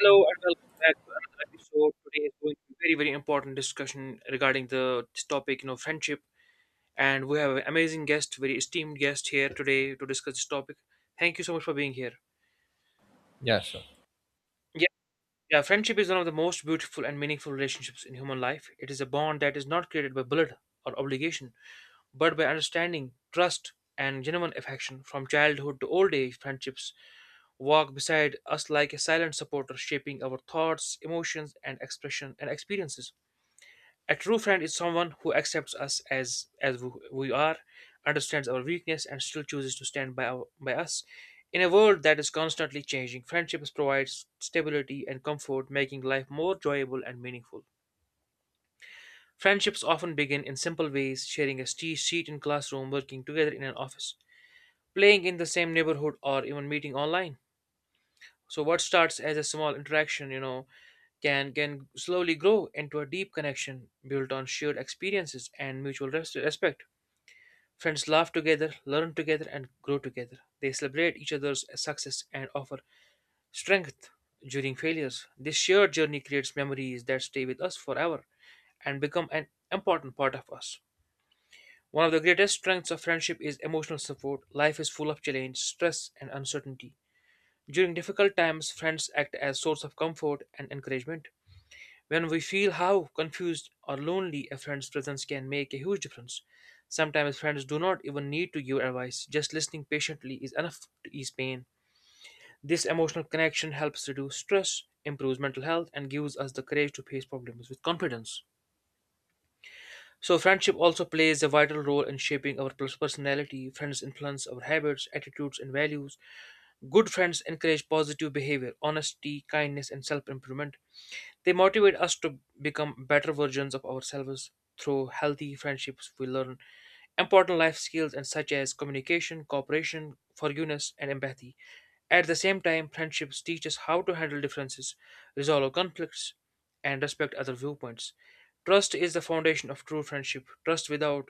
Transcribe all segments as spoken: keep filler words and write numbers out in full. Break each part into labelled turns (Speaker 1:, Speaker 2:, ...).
Speaker 1: Hello and welcome back to another episode. Today is going to be very, very important discussion regarding the this topic, you know, friendship. And we have an amazing guest, very esteemed guest here today to discuss this topic. Thank you so much for being here.
Speaker 2: Yeah, sure.
Speaker 1: Yeah, yeah, friendship is one of the most beautiful and meaningful relationships in human life. It is a bond that is not created by blood or obligation, but by understanding, trust, and genuine affection. From childhood to old age, friendships walk beside us like a silent supporter, shaping our thoughts, emotions, and expression and experiences. A true friend is someone who accepts us as as w- we are, understands our weakness, and still chooses to stand by our, by us. In a world that is constantly changing, friendships provide stability and comfort, making life more enjoyable and meaningful. Friendships often begin in simple ways, sharing a ste- seat in classroom, working together in an office, playing in the same neighborhood, or even meeting online. So what starts as a small interaction, you know, can can slowly grow into a deep connection built on shared experiences and mutual res- respect. Friends laugh together, learn together, and grow together. They celebrate each other's success and offer strength during failures. This shared journey creates memories that stay with us forever and become an important part of us. One of the greatest strengths of friendship is emotional support. Life is full of challenge, stress, and uncertainty. During difficult times, friends act as source of comfort and encouragement. When we feel how confused or lonely a friend's presence can make a huge difference. Sometimes friends do not even need to give advice, just listening patiently is enough to ease pain. This emotional connection helps reduce stress, improves mental health, and gives us the courage to face problems with confidence. So, friendship also plays a vital role in shaping our pers- personality. Friends influence our habits, attitudes, and values. Good friends encourage positive behavior, honesty, kindness, and self improvement. They motivate us to become better versions of ourselves. Through healthy friendships, we learn important life skills and such as communication, cooperation, forgiveness, and empathy. At the same time, friendships teach us how to handle differences, resolve conflicts, and respect other viewpoints. Trust is the foundation of true friendship. Trust without,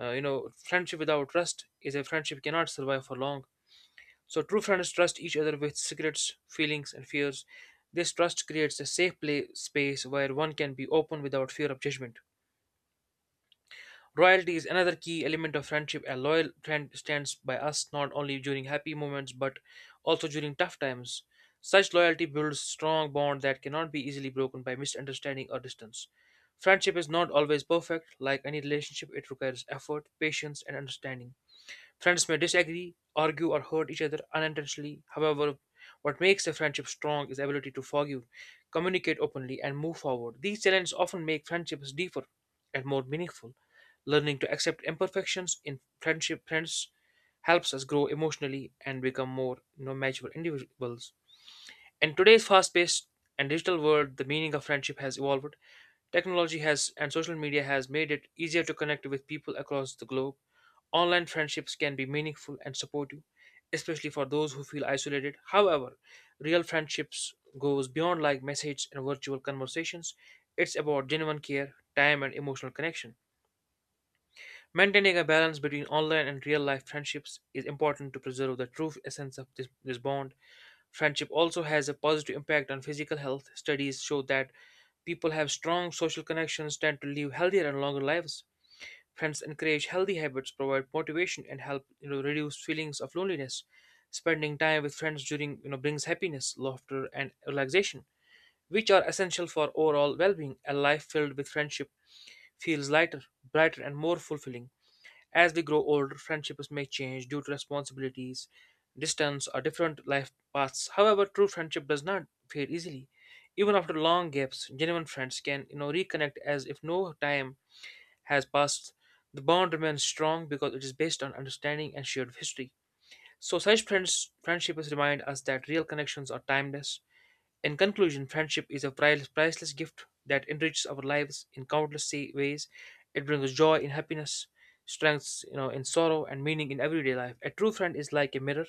Speaker 1: uh, you know, Friendship without trust is a friendship cannot survive for long. So true friends trust each other with secrets, feelings, and fears. This trust creates a safe play space where one can be open without fear of judgment. Loyalty is another key element of friendship. A loyal friend stands by us not only during happy moments but also during tough times. Such loyalty builds strong bond that cannot be easily broken by misunderstanding or distance. Friendship is not always perfect. Like any relationship, it requires effort, patience, and understanding. Friends may disagree, argue, or hurt each other unintentionally. However, what makes a friendship strong is the ability to forgive, communicate openly, and move forward. These challenges often make friendships deeper and more meaningful. Learning to accept imperfections in friendship friends helps us grow emotionally and become more you know, mature individuals. In today's fast-paced and digital world, the meaning of friendship has evolved. Technology has and social media has made it easier to connect with people across the globe. Online friendships can be meaningful and supportive, especially for those who feel isolated. However, real friendships goes beyond like messages and virtual conversations. It's about genuine care, time and emotional connection. Maintaining a balance between online and real life friendships is important to preserve the true essence of this, this bond. Friendship also has a positive impact on physical health. Studies show that people have strong social connections tend to live healthier and longer lives. Friends encourage healthy habits, provide motivation, and help you know reduce feelings of loneliness. Spending time with friends during you know brings happiness, laughter, and relaxation, which are essential for overall well-being. A life filled with friendship feels lighter, brighter, and more fulfilling. As we grow older, friendships may change due to responsibilities, distance, or different life paths. However, true friendship does not fade easily. Even after long gaps, genuine friends can you know reconnect as if no time has passed, the bond remains strong because it is based on understanding and shared history. So, such friends, friendships remind us that real connections are timeless. In conclusion, friendship is a pri- priceless gift that enriches our lives in countless sa- ways. It brings joy in happiness, strength you know, in sorrow, and meaning in everyday life. A true friend is like a mirror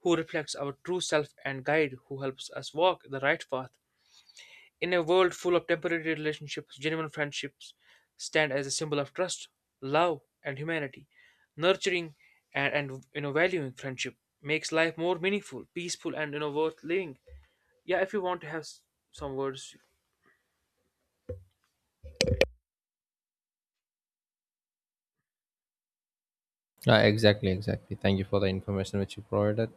Speaker 1: who reflects our true self and guide who helps us walk the right path. In a world full of temporary relationships, genuine friendships stand as a symbol of trust, love, and humanity. Nurturing and, and you know valuing friendship makes life more meaningful, peaceful, and you know worth living. Yeah, if you want to have s- some words.
Speaker 2: Uh, exactly, exactly. Thank you for the information which you provided.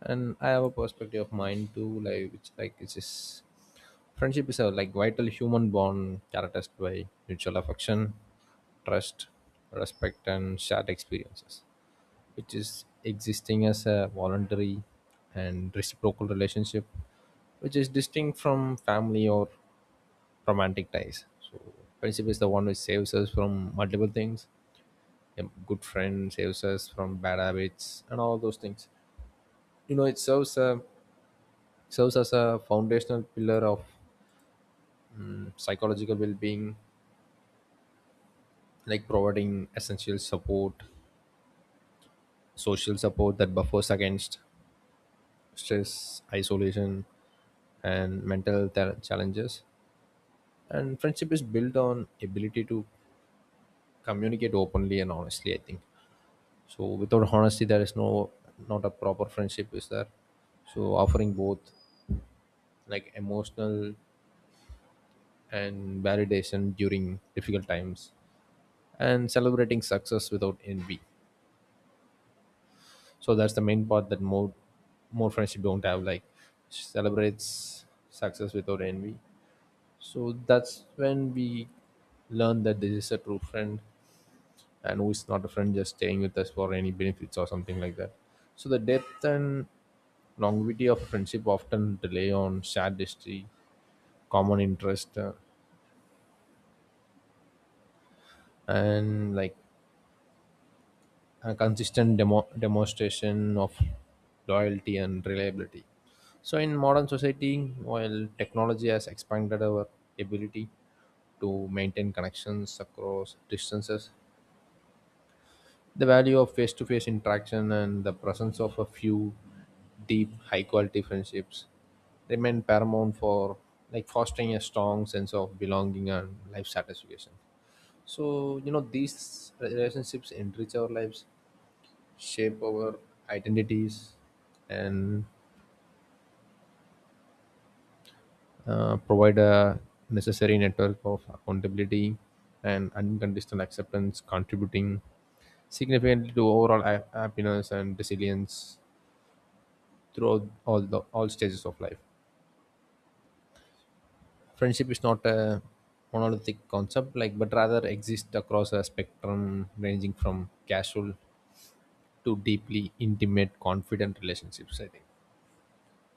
Speaker 2: And I have a perspective of mine too, like which like it's just friendship is a like vital human bond characterized by mutual affection, trust, respect and shared experiences. Which is existing as a voluntary and reciprocal relationship, which is distinct from family or romantic ties. So friendship is the one which saves us from multiple things. A good friend saves us from bad habits and all those things you know It serves a, serves as a foundational pillar of mm, psychological well-being, like providing essential support, social support that buffers against stress, isolation, and mental th- challenges. And friendship is built on ability to communicate openly and honestly, I think. So without honesty there is no, not a proper friendship is there. So offering both, like, emotional and validation during difficult times, and celebrating success without envy. So that's the main part that more more friendship don't have, like celebrates success without envy. So that's when we learn that this is a true friend, and who is not a friend, just staying with us for any benefits or something like that. So the depth and longevity of friendship often rely on shared history, common interest, uh, and like a consistent demo- demonstration of loyalty and reliability. So, in modern society, while technology has expanded our ability to maintain connections across distances, the value of face to face interaction and the presence of a few deep, high quality friendships remain paramount for, like, fostering a strong sense of belonging and life satisfaction. So, you know, these relationships enrich our lives, shape our identities, and uh, provide a necessary network of accountability and unconditional acceptance, contributing significantly to overall ha- happiness and resilience throughout all the all stages of life. Friendship is not a monolithic concept, like, but rather exists across a spectrum ranging from casual to deeply intimate, confident relationships, I think.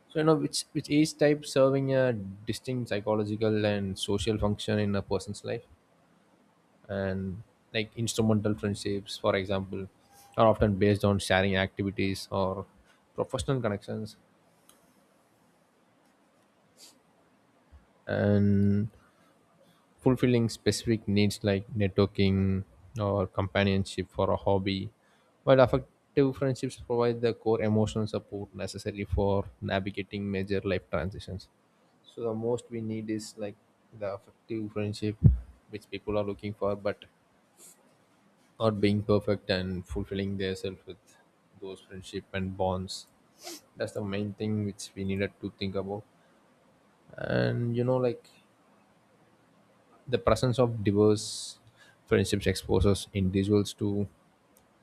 Speaker 2: So you know which which each type serving a distinct psychological and social function in a person's life, and, like, instrumental friendships, for example, are often based on sharing activities or professional connections, and fulfilling specific needs like networking or companionship for a hobby, while affective friendships provide the core emotional support necessary for navigating major life transitions. So the most we need is, like, the affective friendship which people are looking for, but not being perfect and fulfilling themselves with those friendship and bonds. That's the main thing which we needed to think about. And you know, like the presence of diverse friendships exposes individuals to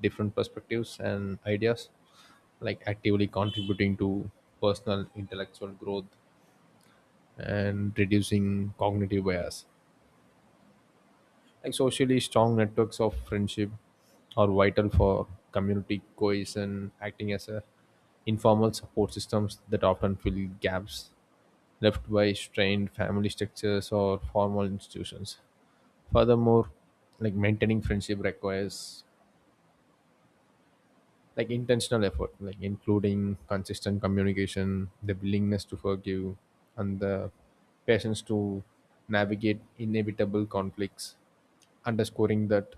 Speaker 2: different perspectives and ideas, like actively contributing to personal intellectual growth and reducing cognitive bias. Like socially strong networks of friendship are vital for community cohesion, acting as a informal support systems that often fill gaps left by strained family structures or formal institutions. Furthermore, like maintaining friendship requires, like, intentional effort, like including consistent communication, the willingness to forgive, and the patience to navigate inevitable conflicts, underscoring that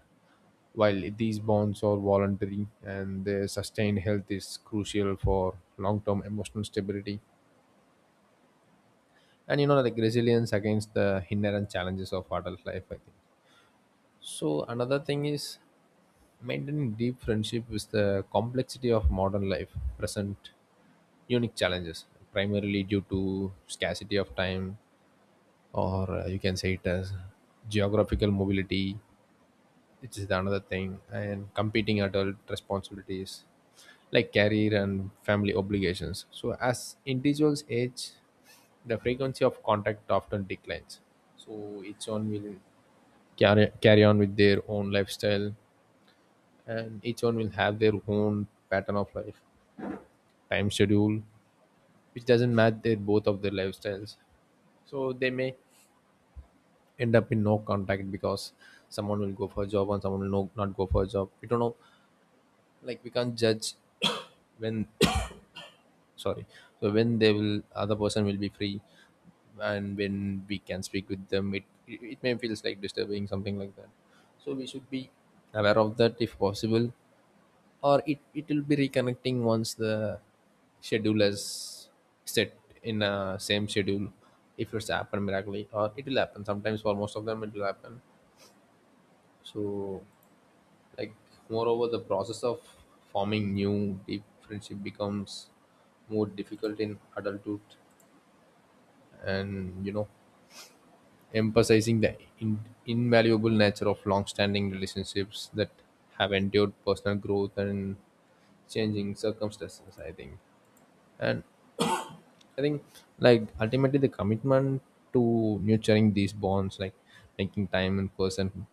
Speaker 2: while these bonds are voluntary and their sustained health is crucial for long-term emotional stability and, you know, like, resilience against the inherent challenges of adult life, I think. So another thing is, maintaining deep friendship is the complexity of modern life, present unique challenges primarily due to scarcity of time, or uh, you can say it as geographical mobility, which is the another thing, and competing adult responsibilities like career and family obligations. So as individuals age, the frequency of contact often declines. So each one will carry, carry on with their own lifestyle, and each one will have their own pattern of life, time schedule, which doesn't match their both of their lifestyles. So they may end up in no contact because someone will go for a job and someone will no, not go for a job, we don't know, like we can't judge. When sorry, so when they will, other person will be free, and when we can speak with them, it it may feels like disturbing something like that. So we should be aware of that if possible, or it it will be reconnecting once the schedule is set in a same schedule, if it's happened miraculously, or it will happen sometimes, for most of them it will happen. So, like, moreover the process of forming new deep friendship becomes more difficult in adulthood, and, you know, emphasizing the in- invaluable nature of long-standing relationships that have endured personal growth and changing circumstances, I think. And I think, like, ultimately the commitment to nurturing these bonds, like making time in person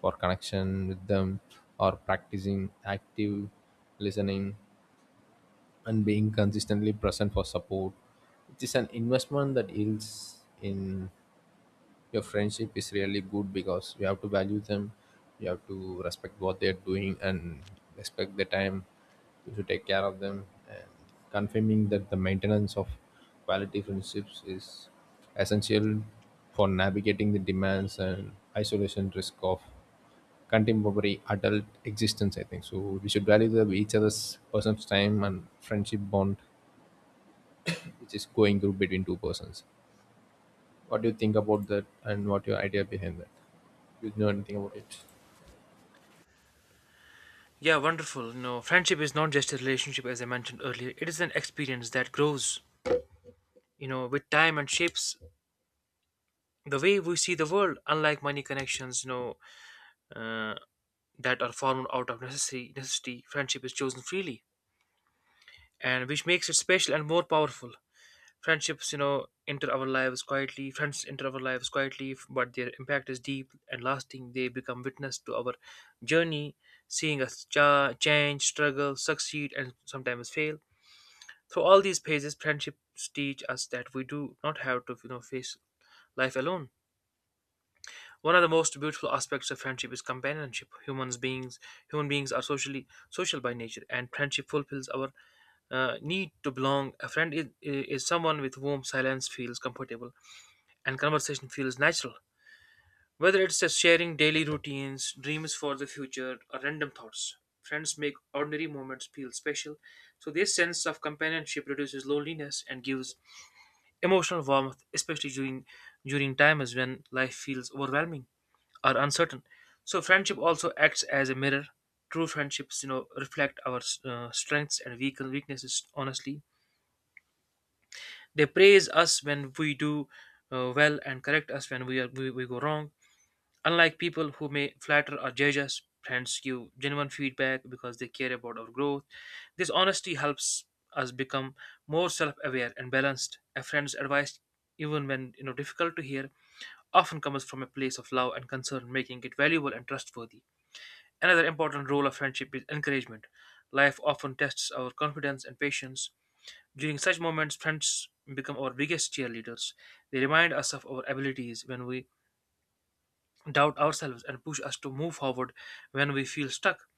Speaker 2: for connection with them, or practicing active listening and being consistently present for support. It is an investment that yields in your friendship is really good because you have to value them, you have to respect what they're doing and respect the time, you should take care of them, and confirming that the maintenance of quality friendships is essential for navigating the demands and isolation risk of contemporary adult existence, I think. So we should value the, each other's person's time and friendship bond, which is going through between two persons. What do you think about that, and what your idea behind that, you know anything about it?
Speaker 1: Yeah, wonderful. You know, friendship is not just a relationship, as I mentioned earlier. It is an experience that grows, you know, with time and shapes the way we see the world. Unlike money connections, you know, uh, that are formed out of necessary necessity, friendship is chosen freely and which makes it special and more powerful. Friendships, you know, enter our lives quietly. Friends enter our lives quietly, but their impact is deep and lasting. They become witness to our journey, seeing us cha- change, struggle, succeed, and sometimes fail. Through all these phases, friendships teach us that we do not have to, you know, face life alone. One of the most beautiful aspects of friendship is companionship. Humans beings, human beings are socially social by nature, and friendship fulfills our uh, need to belong. A friend is, is someone with whom silence feels comfortable and conversation feels natural. Whether it's just sharing daily routines, dreams for the future, or random thoughts, friends make ordinary moments feel special. So, this sense of companionship reduces loneliness and gives emotional warmth, especially during, during times when life feels overwhelming or uncertain. So, friendship also acts as a mirror. True friendships, you know, reflect our uh, strengths and weak- weaknesses honestly. They praise us when we do uh, well and correct us when we, are, we we go wrong. Unlike people who may flatter or judge us, friends give genuine feedback because they care about our growth. This honesty helps us become more self-aware and balanced. A friend's advice, even when you know difficult to hear, often comes from a place of love and concern, making it valuable and trustworthy. Another important role of friendship is encouragement. Life often tests our confidence and patience. During such moments, friends become our biggest cheerleaders. They remind us of our abilities when we doubt ourselves and push us to move forward when we feel stuck.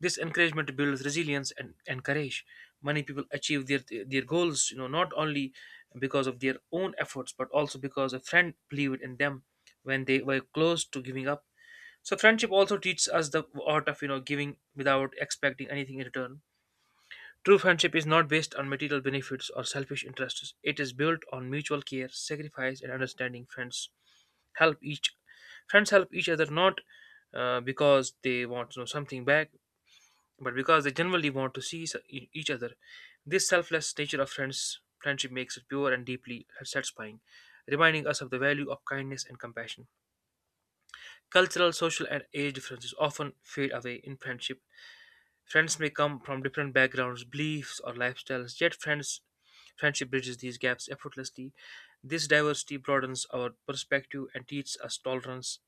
Speaker 1: This encouragement builds resilience and, and courage. Many people achieve their their goals, you know, not only because of their own efforts, but also because a friend believed in them when they were close to giving up. So friendship also teaches us the art of you know giving without expecting anything in return. True friendship is not based on material benefits or selfish interests. It is built on mutual care, sacrifice, and understanding. Friends help each Friends help each other not uh, because they want to know something back, but because they generally want to see s- e- each other. This selfless nature of friends friendship makes it pure and deeply satisfying, reminding us of the value of kindness and compassion. Cultural, social, and age differences often fade away in friendship. Friends may come from different backgrounds, beliefs, or lifestyles, yet friends friendship bridges these gaps effortlessly. This diversity broadens our perspective and teaches us tolerance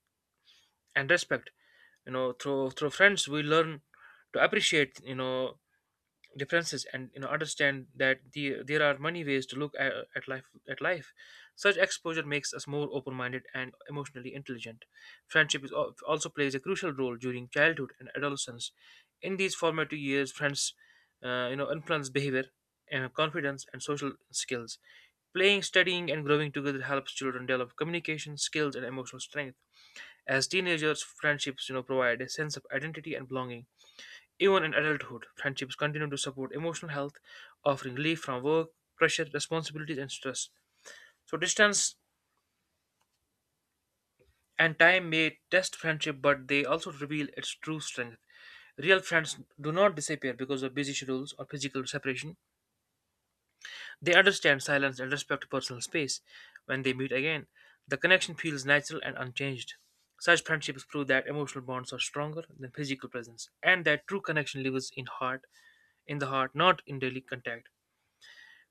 Speaker 1: and respect. You know, through through friends we learn to appreciate, you know, differences and you know understand that the, there are many ways to look at, at life at life. Such exposure makes us more open-minded and emotionally intelligent. Friendship is al- also plays a crucial role during childhood and adolescence. In these formative years friends uh, you know influence behavior, uh, confidence and social skills. Playing, studying, and growing together helps children develop communication skills and emotional strength. As teenagers, friendships, you know, provide a sense of identity and belonging. Even in adulthood, friendships continue to support emotional health, offering relief from work, pressure, responsibilities, and stress. So, distance and time may test friendship, but they also reveal its true strength. Real friends do not disappear because of busy schedules or physical separation. They understand silence and respect personal space. When they meet again, the connection feels natural and unchanged. Such friendships prove that emotional bonds are stronger than physical presence, and that true connection lives in heart, in the heart, not in daily contact.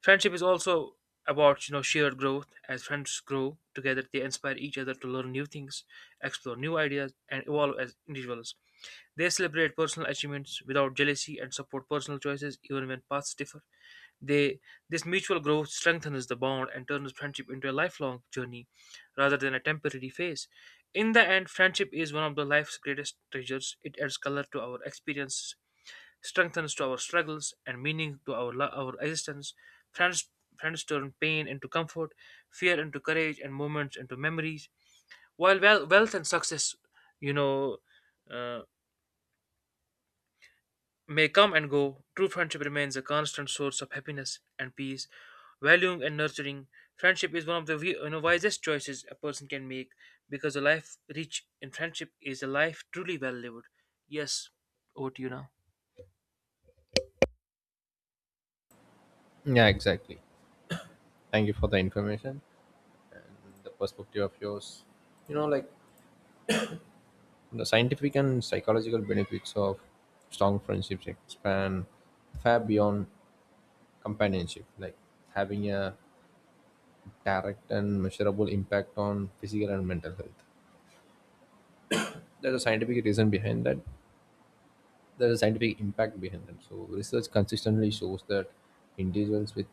Speaker 1: Friendship is also about you know shared growth. As friends grow together, they inspire each other to learn new things, explore new ideas, and evolve as individuals. They celebrate personal achievements without jealousy and support personal choices even when paths differ. They This mutual growth strengthens the bond and turns friendship into a lifelong journey rather than a temporary phase. In the end, friendship is one of the life's greatest treasures. It adds color to our experiences, strengthens to our struggles, and meaning to our, lo- our existence. Friends, Friends turn pain into comfort, fear into courage, and moments into memories. While wel- wealth and success, you know, uh, may come and go, true friendship remains a constant source of happiness and peace. Valuing and nurturing friendship is one of the wi- you know, wisest choices a person can make because a life rich in friendship is a life truly well lived. Yes, over to you now.
Speaker 2: Yeah, exactly, thank you for the information, the perspective of yours. You know, like, the scientific and psychological benefits of strong friendships expand far beyond companionship, like having a direct and measurable impact on physical and mental health. There's a scientific reason behind that. There's a scientific impact behind that. So research consistently shows that individuals with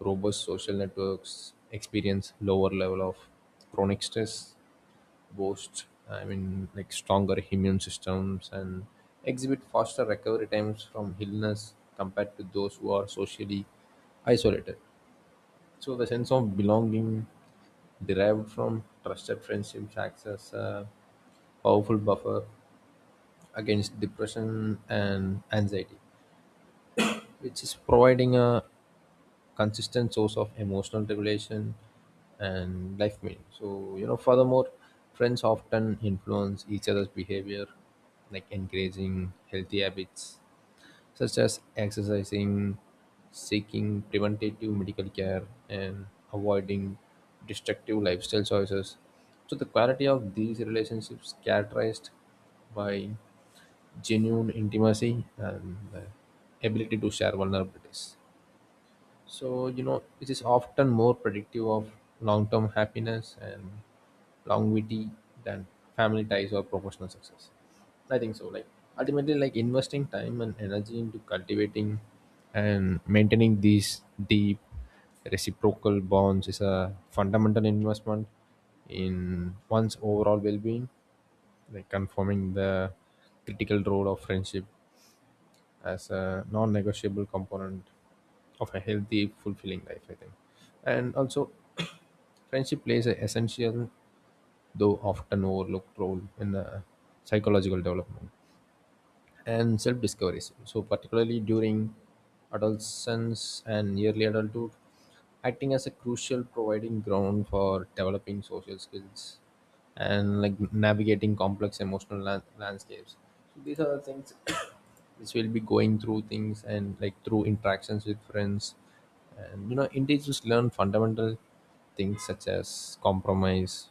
Speaker 2: robust social networks experience lower level of chronic stress, boasts, I mean, like, stronger immune systems and exhibit faster recovery times from illness compared to those who are socially isolated. So the sense of belonging derived from trusted friendships acts as a powerful buffer against depression and anxiety, which is providing a consistent source of emotional regulation and life meaning. So, you know, furthermore, friends often influence each other's behavior, like encouraging healthy habits such as exercising, seeking preventative medical care, and avoiding destructive lifestyle choices. So, the quality of these relationships characterized by genuine intimacy and the ability to share vulnerabilities. So, you know, it is often more predictive of long term happiness and longevity than family ties or professional success, I think. So, like, ultimately, like investing time and energy into cultivating and maintaining these deep reciprocal bonds is a fundamental investment in one's overall well being, like confirming the critical role of friendship as a non-negotiable component of a healthy, fulfilling life, I think. And also friendship plays an essential, though often overlooked, role in the psychological development and self discovery. So, particularly during adolescence and early adulthood, acting as a crucial providing ground for developing social skills and, like, navigating complex emotional lan- landscapes. So these are the things which will be going through things, and, like, through interactions with friends. And, you know, individuals learn fundamental things such as compromise,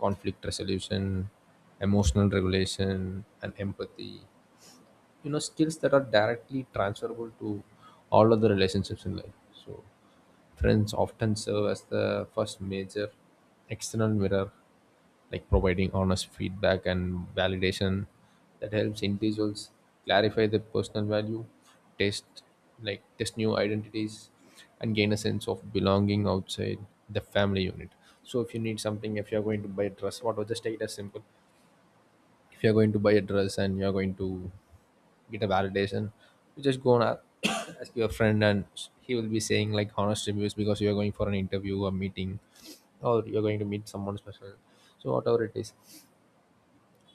Speaker 2: conflict resolution, emotional regulation, and empathy, you know, skills that are directly transferable to all other relationships in life. So friends often serve as the first major external mirror, like providing honest feedback and validation that helps individuals clarify their personal value, test, like test new identities and gain a sense of belonging outside the family unit. So if you need something, if you're going to buy a dress, what was just take it as simple, if you're going to buy a dress and you're going to get a validation, you just go and a- ask your friend, and he will be saying like honest reviews because you are going for an interview, a meeting, or you're going to meet someone special. So whatever it is,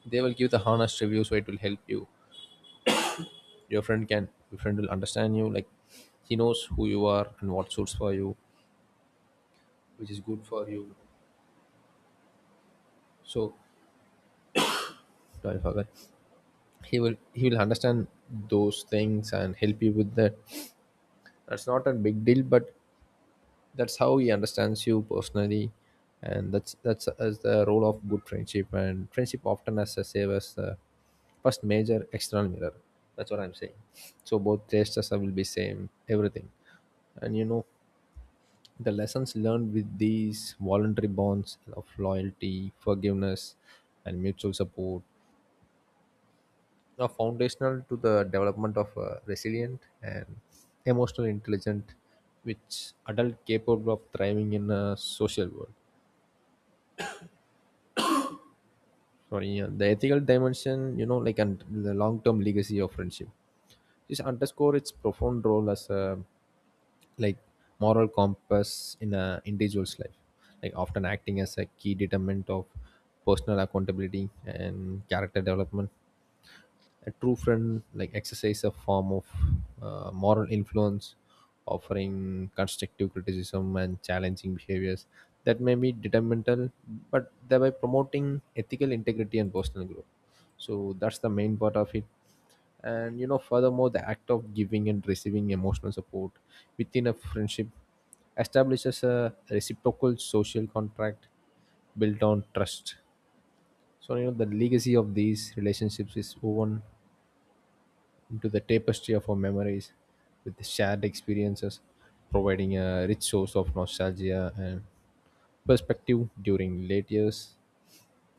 Speaker 2: they will give the honest review, so it will help you. Your friend can, your friend will understand you, like he knows who you are and what suits for you, which is good for you. So sorry for that. He will he will understand those things and help you with that. That's not a big deal, but that's how he understands you personally, and that's that's as the role of good friendship, and friendship often has a save as the first major external mirror. That's what I'm saying. So both tastes will be same, everything. And, you know, the lessons learned with these voluntary bonds of loyalty, forgiveness, and mutual support are foundational to the development of a resilient and emotional intelligent, which adult capable of thriving in a social world, sorry. Yeah, the ethical dimension, you know, like, and the long-term legacy of friendship, this underscore its profound role as a, like, moral compass in a individual's life, like often acting as a key determinant of personal accountability and character development. A true friend, like, exercise a form of uh, moral influence, offering constructive criticism and challenging behaviors that may be detrimental, but thereby promoting ethical integrity and personal growth. So that's the main part of it. And, you know, furthermore, the act of giving and receiving emotional support within a friendship establishes a reciprocal social contract built on trust. So, you know, the legacy of these relationships is woven into the tapestry of our memories, with shared experiences, providing a rich source of nostalgia and perspective during late years.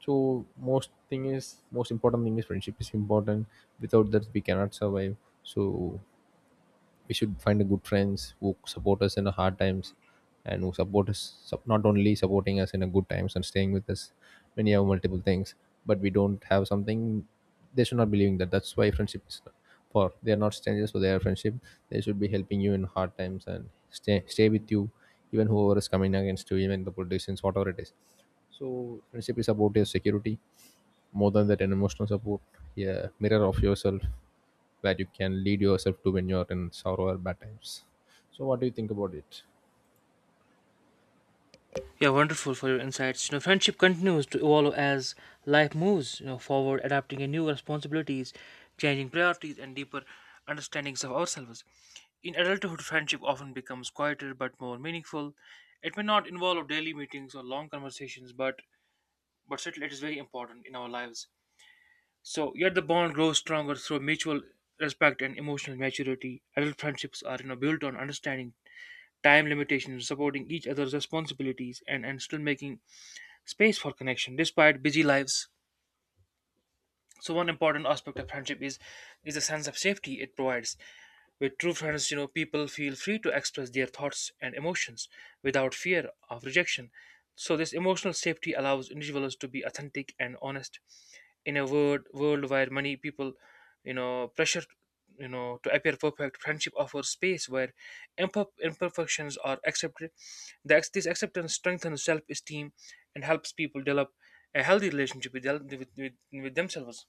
Speaker 2: So most thing is, most important thing is, friendship is important. Without that we cannot survive. So we should find a good friends who support us in the hard times, and who support us, sup- not only supporting us in the good times and staying with us when you have multiple things, but we don't have something, they should not be leaving that. That's why friendship is not- for, they are not strangers for their friendship, they should be helping you in hard times and stay stay with you even whoever is coming against you, even the politicians, whatever it is. So friendship is about your security, more than that an emotional support, a mirror of yourself where you can lead yourself to when you're in sorrow or bad times. So what do you think about it?
Speaker 1: Yeah, wonderful for your insights. You know, friendship continues to evolve as life moves, you know, forward, adapting to new responsibilities, changing priorities, and deeper understandings of ourselves. In adulthood, friendship often becomes quieter but more meaningful. It may not involve daily meetings or long conversations, but but certainly it is very important in our lives. So, yet the bond grows stronger through mutual respect and emotional maturity. Adult friendships are, you know, built on understanding time limitations, supporting each other's responsibilities, and and still making space for connection despite busy lives. So one important aspect of friendship is is a sense of safety it provides. With true friends, you know, people feel free to express their thoughts and emotions without fear of rejection. So this emotional safety allows individuals to be authentic and honest in a world world where many people, you know, pressure, you know, to appear perfect. Friendship offers space where imper- imperfections are accepted. The ex- this acceptance strengthens self-esteem and helps people develop a healthy relationship with, the- with, with, with themselves.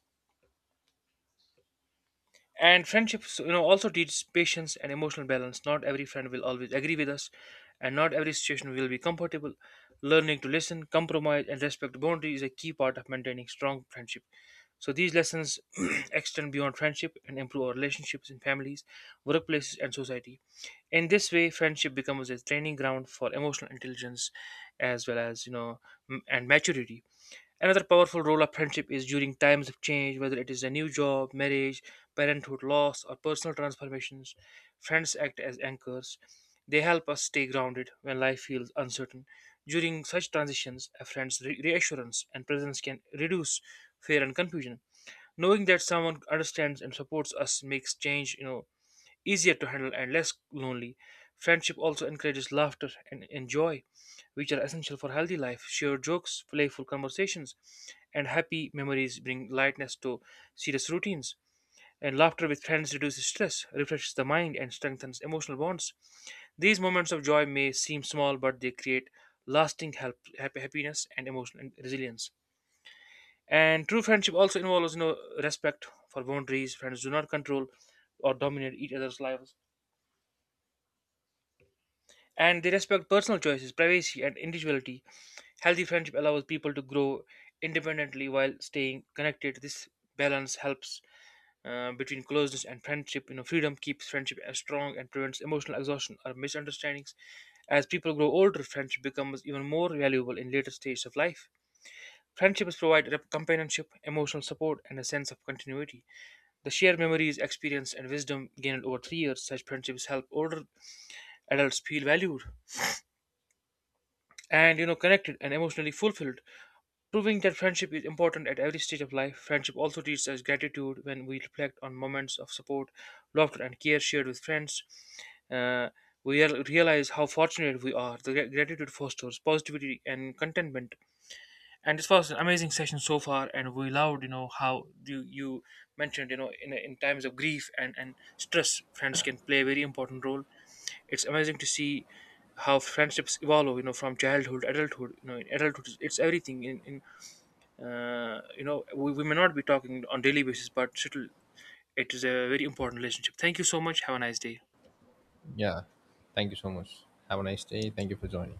Speaker 1: And friendships, you know, also teach patience and emotional balance. Not every friend will always agree with us, and not every situation will be comfortable. Learning to listen, compromise, and respect boundaries is a key part of maintaining strong friendship. So these lessons extend beyond friendship and improve our relationships in families, workplaces, and society. In this way, friendship becomes a training ground for emotional intelligence as well as, you know m- and maturity. Another powerful role of friendship is during times of change, whether it is a new job, marriage, parenthood, loss, or personal transformations. Friends act as anchors. They help us stay grounded when life feels uncertain. During such transitions, a friend's re- reassurance and presence can reduce fear and confusion. Knowing that someone understands and supports us makes change, you know, easier to handle and less lonely. Friendship also encourages laughter and, and joy, which are essential for healthy life. Shared jokes, playful conversations, and happy memories bring lightness to serious routines. And laughter with friends reduces stress, refreshes the mind, and strengthens emotional bonds. These moments of joy may seem small, but they create lasting help, happy, happiness and emotional resilience. And true friendship also involves, you know, respect for boundaries. Friends do not control or dominate each other's lives, and they respect personal choices, privacy, and individuality. Healthy friendship allows people to grow independently while staying connected. This balance helps, uh, between closeness and friendship. You know, freedom keeps friendship as strong and prevents emotional exhaustion or misunderstandings. As people grow older, friendship becomes even more valuable in later stages of life. Friendships provide rep- companionship, emotional support, and a sense of continuity. The shared memories, experience, and wisdom gained over three years, such friendships help older adults feel valued and, you know, connected and emotionally fulfilled, proving that friendship is important at every stage of life. Friendship also teaches us gratitude. When we reflect on moments of support, laughter, and care shared with friends, uh, we real- realize how fortunate we are. The gra- gratitude fosters positivity and contentment. And this was an amazing session so far, and we loved, you know, how you, you mentioned, you know, in, in times of grief and and stress, friends can play a very important role. It's amazing to see how friendships evolve. You know, from childhood, adulthood. You know, in adulthood, it's everything. In, in uh, You know, we, we may not be talking on daily basis, but still, it is a very important relationship. Thank you so much. Have a nice day.
Speaker 2: Yeah, thank you so much. Have a nice day. Thank you for joining.